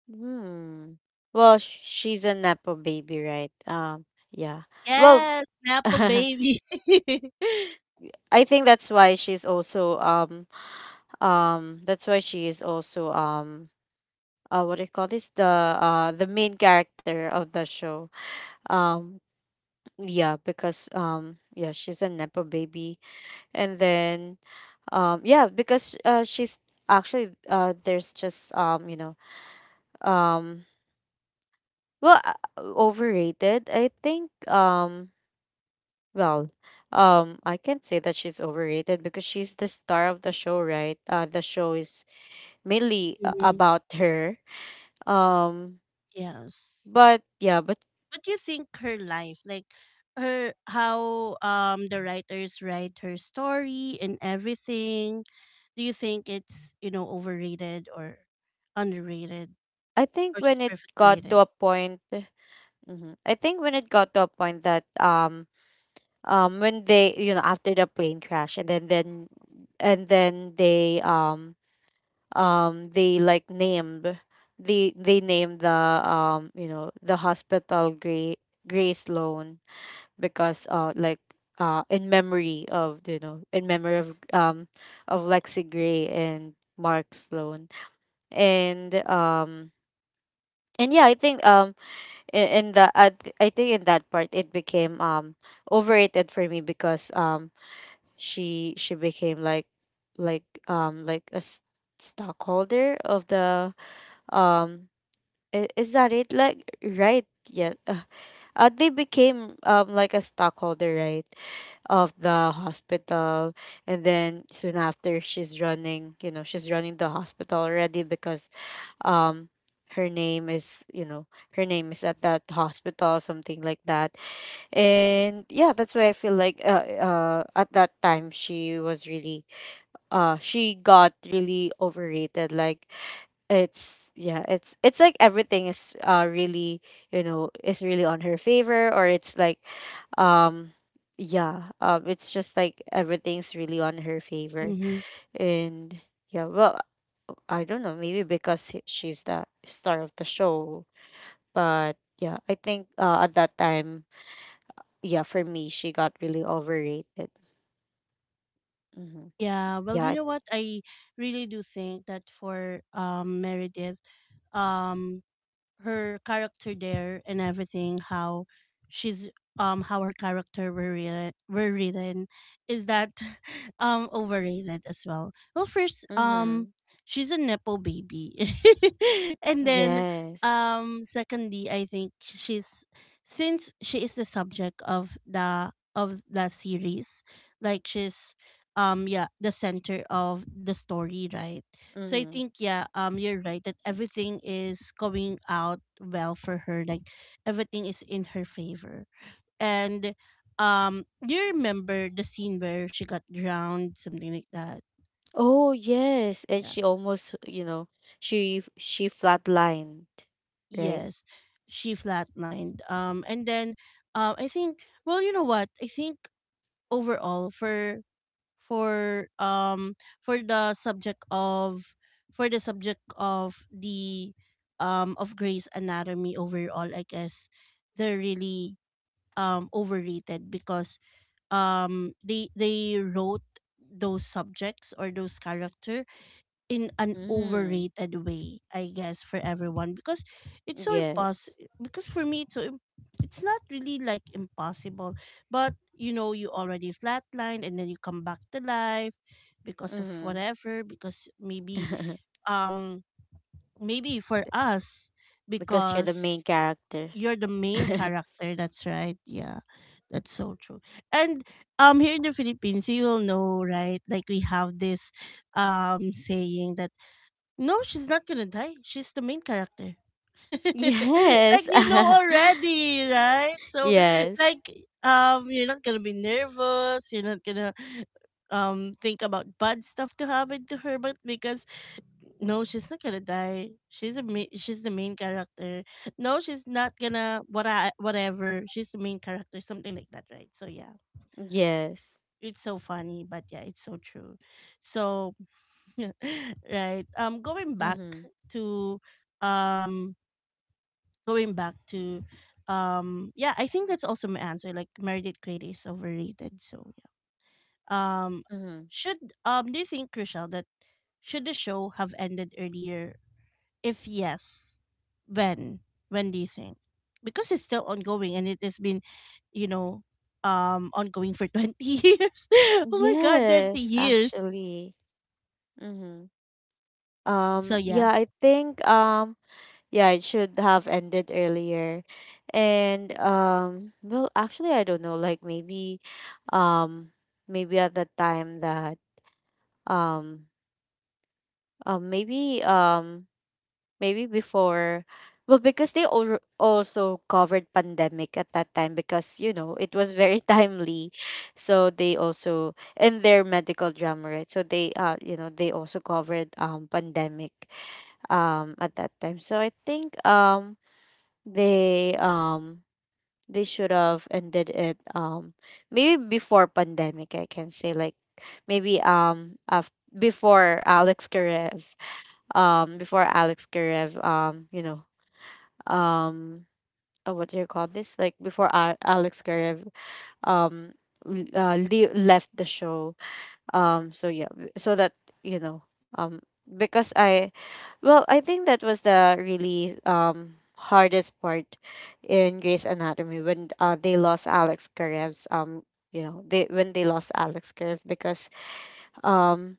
S2: Hmm. Well, she's a Nepo baby, right? Yeah. Well,
S1: Yes, Napa
S2: I
S1: baby.
S2: think that's why she's also that's why she is also what do you call this, the main character of the show. Um yeah, because yeah, she's a Nepo baby, and then yeah, because she's actually there's just you know um well overrated, I think well, I can't say that she's overrated because she's the star of the show, right? The show is mainly
S1: Mhm.
S2: about her. Um,
S1: Yes.
S2: but yeah, but
S1: What do you think her life, like, her, how the writers write her story and everything, do you think it's, you know, overrated or underrated
S2: I think
S1: or
S2: when
S1: just
S2: it
S1: perfectly
S2: got to
S1: rated?
S2: a point, mhm. I think when it got to a point that when they, you know, after the plane crash, and then they, they like named, they named the, you know, the hospital Gray, Gray Sloan, because, in memory of, you know, in memory of, of Lexi Gray and Mark Sloan. And, and yeah, I think, in the I, th- I think in that part it became, overrated for me because, she became like, like stockholder of the, um is that it? Like, right? Yeah. They became, like a stockholder, right, of the hospital. And then soon after, she's running, you know, she's running the hospital already, because, um her name is, you know, her name is at that hospital, something like that. And yeah, that's why I feel like, at that time, she was really, she got really overrated. Like, it's, yeah, it's like everything is, really, you know, is really on her favor, or it's like, um yeah it's just like everything's really on her favor.
S1: Mm-hmm.
S2: And yeah, well, I don't know, maybe because she's the star of the show. But yeah, I think, at that time, yeah, for me, she got really overrated. Mm-hmm.
S1: Yeah, well, you
S2: Yeah.
S1: know what? I really do think that for Meredith, um her character there and everything, how she's how her character were written, is that overrated as well. Well, first,
S2: Mm-hmm.
S1: she's a nepo baby, and then,
S2: Yes.
S1: secondly, I think she's since she is the subject of the series, like, she's, yeah, the center of the story, right? So I
S2: Mm-hmm.
S1: think, yeah, you're right that everything is going out well for her. Like, everything is in her favor. And do you remember the scene where she got drowned, something like that?
S2: Oh yes, and
S1: Yeah.
S2: she almost, you know, she flatlined, right?
S1: Yes. She flatlined. And then I think, well, you know what? I think overall, for, for um for the subject of for the subject of the, of Grey's Anatomy overall, I guess they're really overrated because they wrote those subjects or those character in an
S2: mm
S1: overrated way, I guess, for everyone, because it's so impossible.
S2: yes.
S1: Because for me, it's not really like impossible, but, you know, you already flatlined and then you come back to life because of
S2: Mm-hmm.
S1: whatever. Because um, maybe for us,
S2: Because you're the
S1: because
S2: main character.
S1: you're the main character. That's right. Yeah, that's so true. And here in the Philippines, you will know, right? Like, we have this saying that no, she's not gonna die, she's the main character. Like,
S2: Yes.
S1: you know already, right? So,
S2: Yes.
S1: like, you're not gonna be nervous, you're not gonna think about bad stuff to happen to her, but because, no, she's not gonna die. She's the main character. No, she's not gonna, what I, whatever, she's the main character, something like that, right? So yeah.
S2: Yes.
S1: It's so funny, but yeah, it's so true. So, right.
S2: Mhm.
S1: To, um, Going back to, yeah, I think that's also my answer. Like, Meredith Grey is overrated. So yeah. Um,
S2: Mhm.
S1: should Do you think, Rochelle, that should the show have ended earlier? If yes, when? When do you think? Because it's still ongoing, and it has been, you know, ongoing for 20 years. Oh my god, twenty
S2: Yes,
S1: years.
S2: actually. Mhm.
S1: So yeah.
S2: Yeah, I think, yeah, it should have ended earlier. And, well, actually, I don't know, like, maybe, um maybe at the time that, um maybe, maybe before, well, because they also covered pandemic at that time, because, you know, it was very timely, so they also, in their medical drama, right, so they, you know, they also covered, pandemic, at that time. So I think, they, they should have ended it, maybe before pandemic, I can say. Like, maybe, before Alex Karev, before Alex Karev, you know, um what do you call this? Like, before Alex Karev, um left the show, so yeah, so that, you know, because I, well, I think that was the really, hardest part in Grey's Anatomy, when, they lost Alex Karev's, you know, they, when they lost Alex Karev, because, um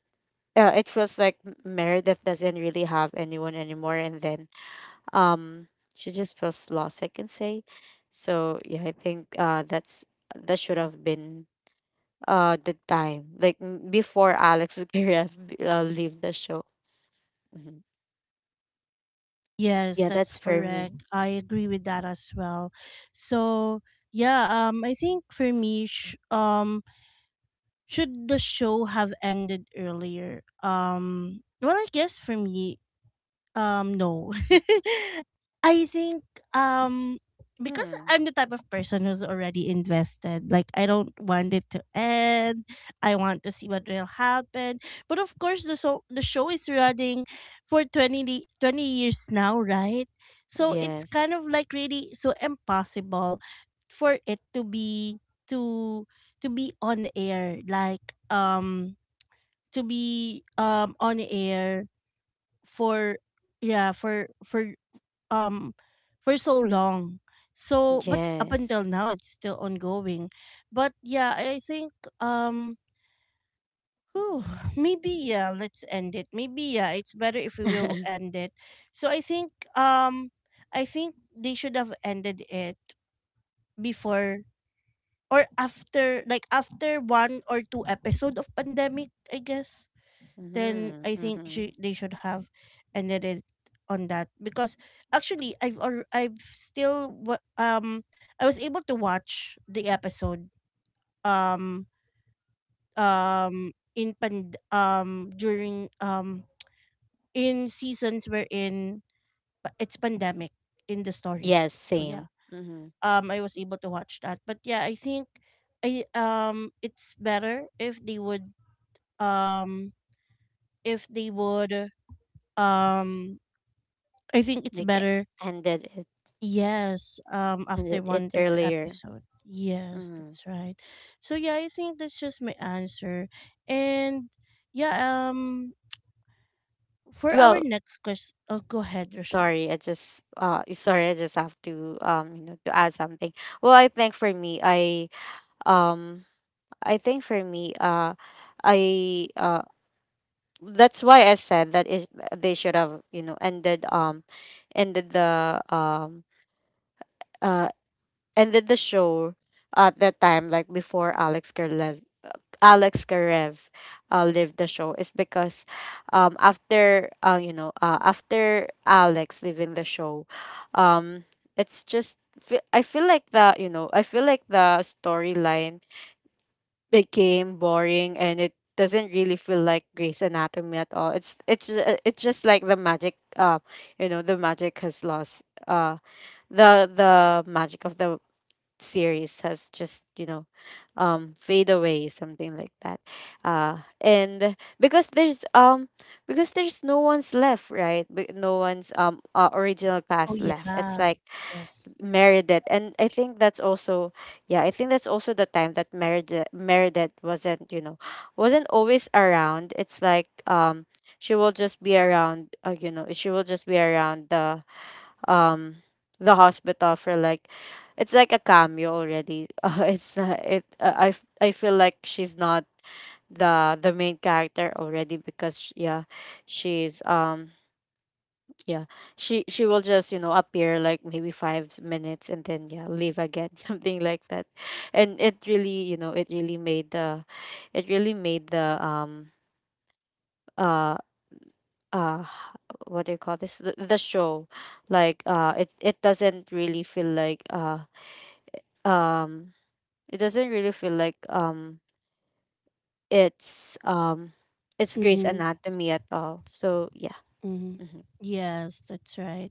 S2: it feels like Meredith doesn't really have anyone anymore. And then, um she just feels lost, I can say. So yeah, I think, that's, that should have been, the time, like, before Alex Garev, leave the show. Mhm.
S1: Yes,
S2: Yeah,
S1: that's
S2: that's for me.
S1: correct. I agree with that as well. So, yeah, I think for should the show have ended earlier? Well, I guess for me, no. I think um because
S2: Hmm.
S1: I'm the type of person who's already invested. Like, I don't want it to end. I want to see what will happen. But of course, the show is running for 20 years now, right? So it's kind
S2: Yes.
S1: of like really so impossible for it to be, to to be on air, like, to be, on air for, yeah, um for so long. So, but up
S2: Yes.
S1: until now, it's still ongoing. But yeah, I think um whew, maybe, yeah, let's end it, maybe, yeah, it's better if we will end it. So I think um they should have ended it before, or after, like, after one or two episode of pandemic, I guess. Then
S2: Mm-hmm,
S1: I think
S2: mm-hmm.
S1: they should have ended it on that, because actually, I've still, I was able to watch the episode, um during in seasons wherein pa- it's pandemic in the story,
S2: Yes,
S1: so
S2: same.
S1: yeah.
S2: Mm-hmm.
S1: I was able to watch that, but yeah, I think, I it's better if they would, um if they would, um I think it's
S2: Like,
S1: better.
S2: ended it
S1: Yes,
S2: ended
S1: after
S2: it
S1: one to two
S2: earlier.
S1: episode. Yes,
S2: Mm-hmm.
S1: that's right. So yeah, I think that's just my answer. And yeah, um, for our
S2: Well,
S1: next question, oh, go ahead, Rochelle.
S2: sorry, I just have to, you know, to add something. Well, I think for me, um I think for me, I that's why I said that, it, they should have, you know, ended, ended the, uh ended the show at that time, like, before Alex Kerlev, Alex Karev, leave the show, is because, after, you know, after Alex leaving the show, um it's just I feel like the, you know, I feel like the storyline became boring, and it doesn't really feel like Grey's Anatomy at all. It's, it's just like the magic, you know, the magic has lost, the magic of the series has just, you know, fade away, something like that. And because there's, because there's no one's left, right? No one's, original
S1: Oh
S2: cast
S1: yeah,
S2: left. It's like
S1: yes.
S2: Meredith. And I think that's also, yeah, I think that's also the time that Meredith wasn't, you know, wasn't always around. It's like, she will just be around, you know, she will just be around the, um the hospital, for like, it's like a cameo already. It's not it. I feel like she's not the main character already, because yeah, she's, yeah, she will just, you know, appear like maybe 5 minutes, and then yeah, leave again, something like that. And it really, you know, it really made the, it really made the, uh uh what do you call this, the show, like, it doesn't really feel like, um it doesn't really feel like, it's, it's Grey's
S1: Mm-hmm.
S2: Anatomy at all. So yeah.
S1: Mm-hmm.
S2: Hmm.
S1: Yes, that's right.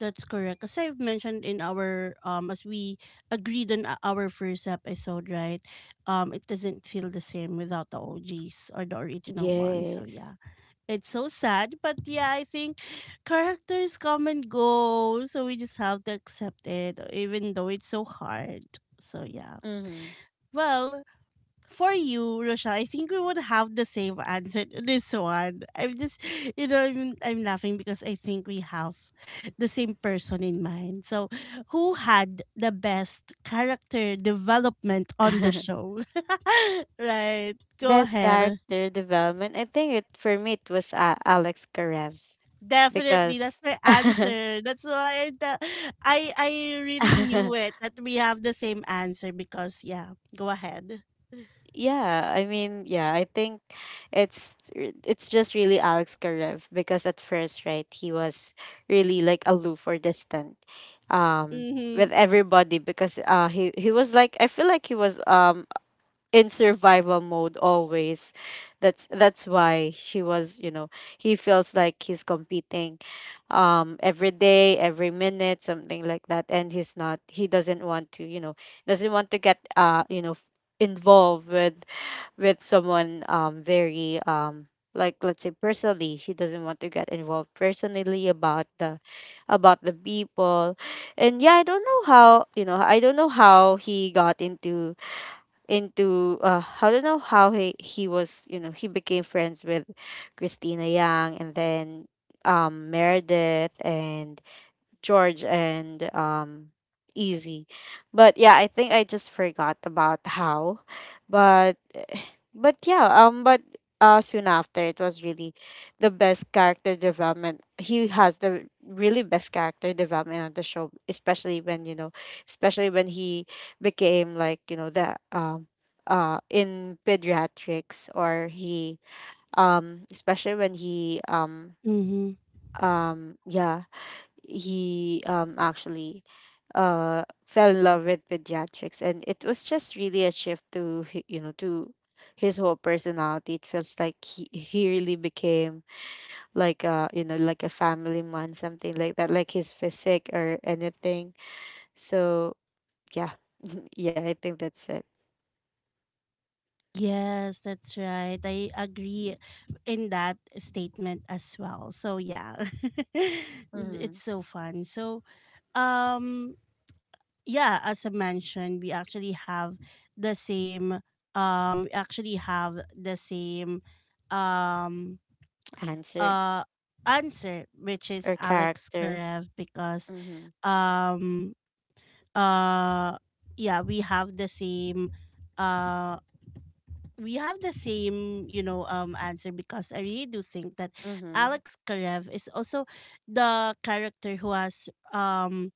S1: That's correct. As I've mentioned, in our as we agreed on, our first episode, right? It doesn't feel the same without the OGs or the original one. So
S2: Yes.
S1: yeah. It's so sad, but yeah, I think characters come and go, so we just have to accept it, even though it's so hard. So yeah.
S2: Mm-hmm.
S1: Well, for you, Rochelle, I think we would have the same answer to this one. I'm just, you know, I'm laughing, because I think we have the same person in mind. So, who had the best character development on the show? Right. Go
S2: Best
S1: ahead.
S2: character development. I think, it for me, it was, Alex Karev,
S1: Definitely, that's
S2: because
S1: my answer. That's why I really knew it that we have the same answer, because, yeah, go ahead.
S2: yeah, I mean, yeah, I think it's just really Alex Karev, because at first, right, he was really like aloof or distant, um
S1: Mhm.
S2: with everybody, because, he was like, I feel like he was, in survival mode always. That's why he was, you know, he feels like he's competing, every day, every minute, something like that. And he's not, he doesn't want to, you know, doesn't want to get, you know, involved with, someone, very, like, let's say personally, he doesn't want to get involved personally about the, about the people. And yeah, I don't know how, you know, I don't know how he got into, I don't know how he was, you know, he became friends with Christina Yang, and then, Meredith and George, and, easy. But yeah, I think I just forgot about how. but but yeah, but, soon after, it was really the best character development. He has the really best character development on the show, especially when, you know, especially when he became like, you know, the, in pediatrics, or he, especially when he,
S1: Mhm.
S2: yeah, he, actually, fell in love with pediatrics, and it was just really a shift to you know, to his whole personality. It feels like he really became like, you know, like a family man, something like that, like his physique or anything. So yeah. Yeah, I think that's it.
S1: Yes, that's right. I agree in that statement as well. So yeah.
S2: Mm-hmm.
S1: It's so fun. So, um yeah, as I mentioned, the same we actually have the same, um
S2: Answer.
S1: uh answer, which is
S2: Or
S1: Alex
S2: character.
S1: Karev, because,
S2: Mm-hmm.
S1: um uh yeah, uh we have the same, answer, because I really do think that
S2: Mm-hmm.
S1: Alex Karev is also the character who has,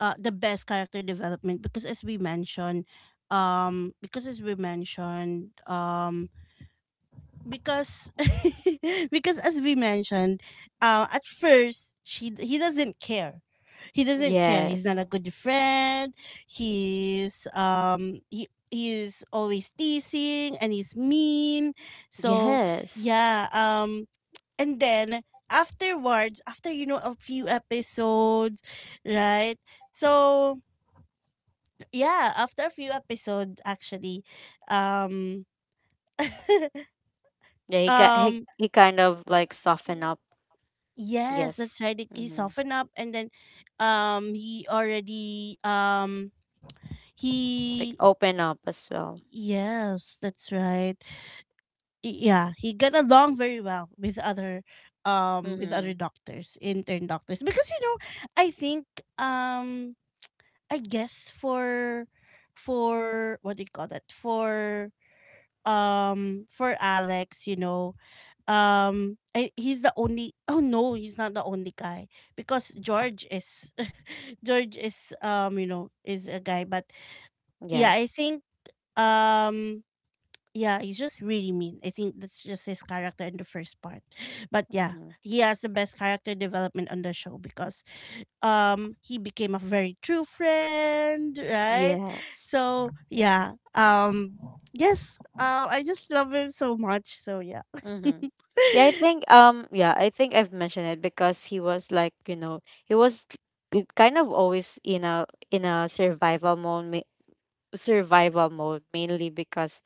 S1: the best character development, because as we mentioned, um because as we mentioned um. because because as we mentioned, at first, she he doesn't care. He doesn't care. He's
S2: Yes.
S1: not a good friend. He's he's always teasing, and he's mean. So
S2: Yes.
S1: yeah, and then, afterwards, after, a few episodes, right? So yeah, after a few episodes actually, um
S2: Yeah, he got he,
S1: um
S2: he kind of like softened up.
S1: Yes,
S2: Yes.
S1: that's right. He
S2: Mm-hmm.
S1: softened up, and then he already
S2: Like,
S1: he
S2: open up as well.
S1: yes, that's right. Yeah, he got along very well with other, with other
S2: Mm-hmm.
S1: doctors, intern doctors. Because, you know, I think, um I guess for, what do you call that? For, for Alex, you know. He's the only. Oh no, he's not the only guy, because George is, George is, is a guy, but yeah, I
S2: Yes.
S1: think, um yeah, he's just really mean. I think that's just his character in the first part, but yeah,
S2: Mm-hmm.
S1: he has the best character development on the show, because he became a very true friend, right?
S2: Yes.
S1: So yeah, yes, I just love him so much. So yeah.
S2: Mm-hmm. Yeah, I think, yeah, I think I've mentioned it, because he was like, you know, he was kind of always in a survival mode, survival mode, mainly because,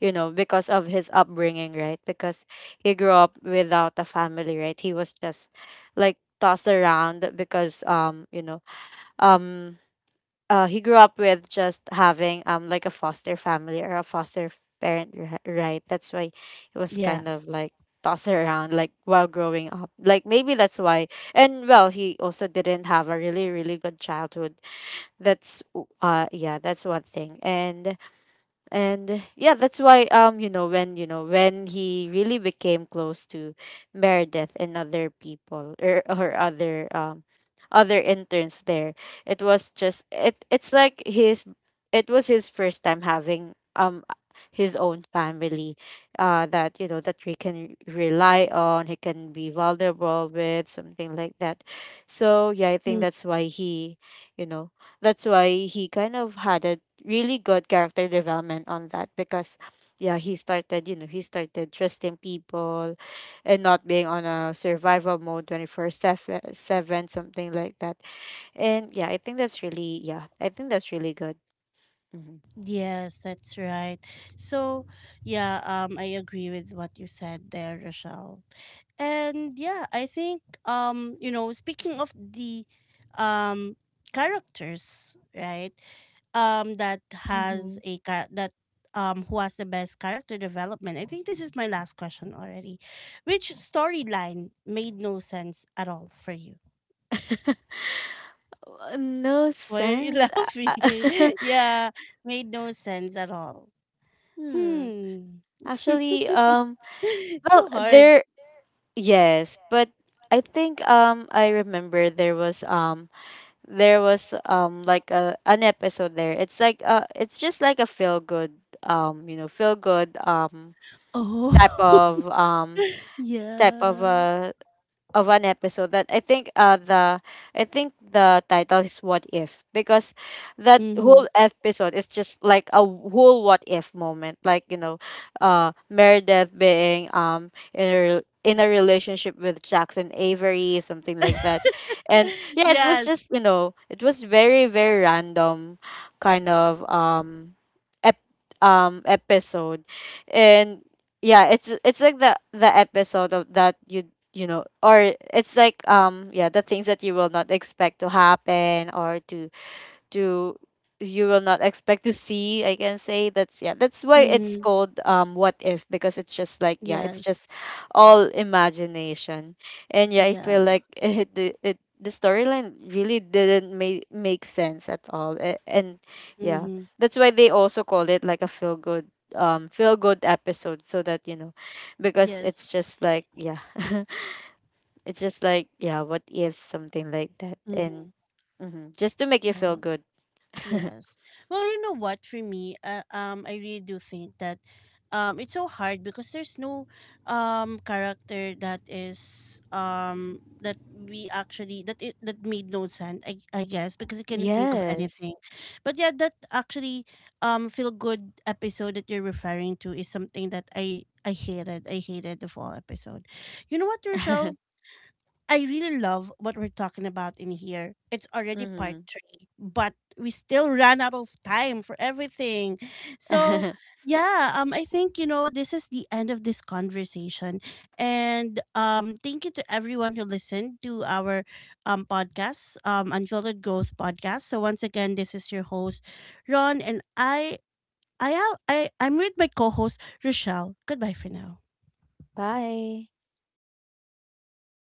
S2: you know, because of his upbringing, right? Because he grew up without a family, right? He was just like tossed around because, you know, um he grew up with just having, like a foster family, or a foster parent, right? That's why he was kind of
S1: Yes.
S2: like tossed around, like, while growing up. Like, maybe that's why. And well, he also didn't have a really, really good childhood. Yeah, that's one thing. And yeah, that's why, you know, when, you know, when he really became close to Meredith and other people, or other, other interns there, it was just, it's like his, it was his first time having, his own family, that, you know, that he can rely on, he can be vulnerable with, something like that. So yeah, I think
S1: Mm.
S2: that's why he, you know, that's why he kind of had a really good character development on that, because yeah, he started, you know, he started trusting people, and not being on a survival mode 24/7, something like that. And yeah, I think that's really, yeah, I think that's really good. Hmm.
S1: Yes, that's right. So, yeah, I agree with what you said there, Rochelle. And yeah, I think, speaking of the um characters, right? Um, that
S2: Mm-hmm.
S1: that who has the best character development. I think this is my last question already. Which storyline made no sense at all for you?
S2: No
S1: Why are you
S2: sense. uh,
S1: laughing? Yeah, made no sense at all.
S2: hmm.
S1: Hmm.
S2: Actually,
S1: It's
S2: well,
S1: so hard.
S2: there, yes, but I think, I remember there was, there was, like a, an episode there. It's like, it's just like a feel good you know, feel good
S1: Oh,
S2: type of, type of
S1: yeah.
S2: of an episode, that, I think, the, I think the title is "What If," because that whole
S1: Hmm.
S2: episode is just like a whole "what if" moment, like, you know, Meredith being, in a in a relationship with Jackson Avery, something like that. And yeah, it was
S1: Yes.
S2: just, you know, it was very, very random, kind of, ep- episode. And yeah, it's like the episode of that, you know, or it's like, yeah, the things that you will not expect to happen, or to, to you will not expect to see, I can say. That's, yeah, that's why it's
S1: Hmm.
S2: called, "What If," because it's just like, yeah, it's just
S1: Yes.
S2: all imagination. And yeah, I feel
S1: Yeah.
S2: like, it the storyline really didn't make sense at all. And yeah,
S1: Hmm.
S2: that's why they also called it like a feel good episode, so that, you know, because it's
S1: Yes.
S2: just like, yeah. It's just like, yeah, what if, something like that. And,
S1: Hmm.
S2: mhm, just to make you feel
S1: Right.
S2: good.
S1: Yes. Well, you know what? For me, I really do think that, it's so hard because there's no, character that is, that we actually that made no sense. I guess because I cannot think of
S2: Yes.
S1: anything, but yeah, that actually, feel good episode that you're referring to is something that I hated. I hated the fall episode. You know what, Rochelle? I really love what we're talking about in here. It's already part
S2: Hmm.
S1: three, but we still ran out of time for everything. So, yeah, I think, you know, this is the end of this conversation, and thank you to everyone who listened to our podcast, Unfiltered Growth podcast. So once again, this is your host, Ron, and I'm with my co-host, Rochelle. Goodbye for now.
S2: Bye.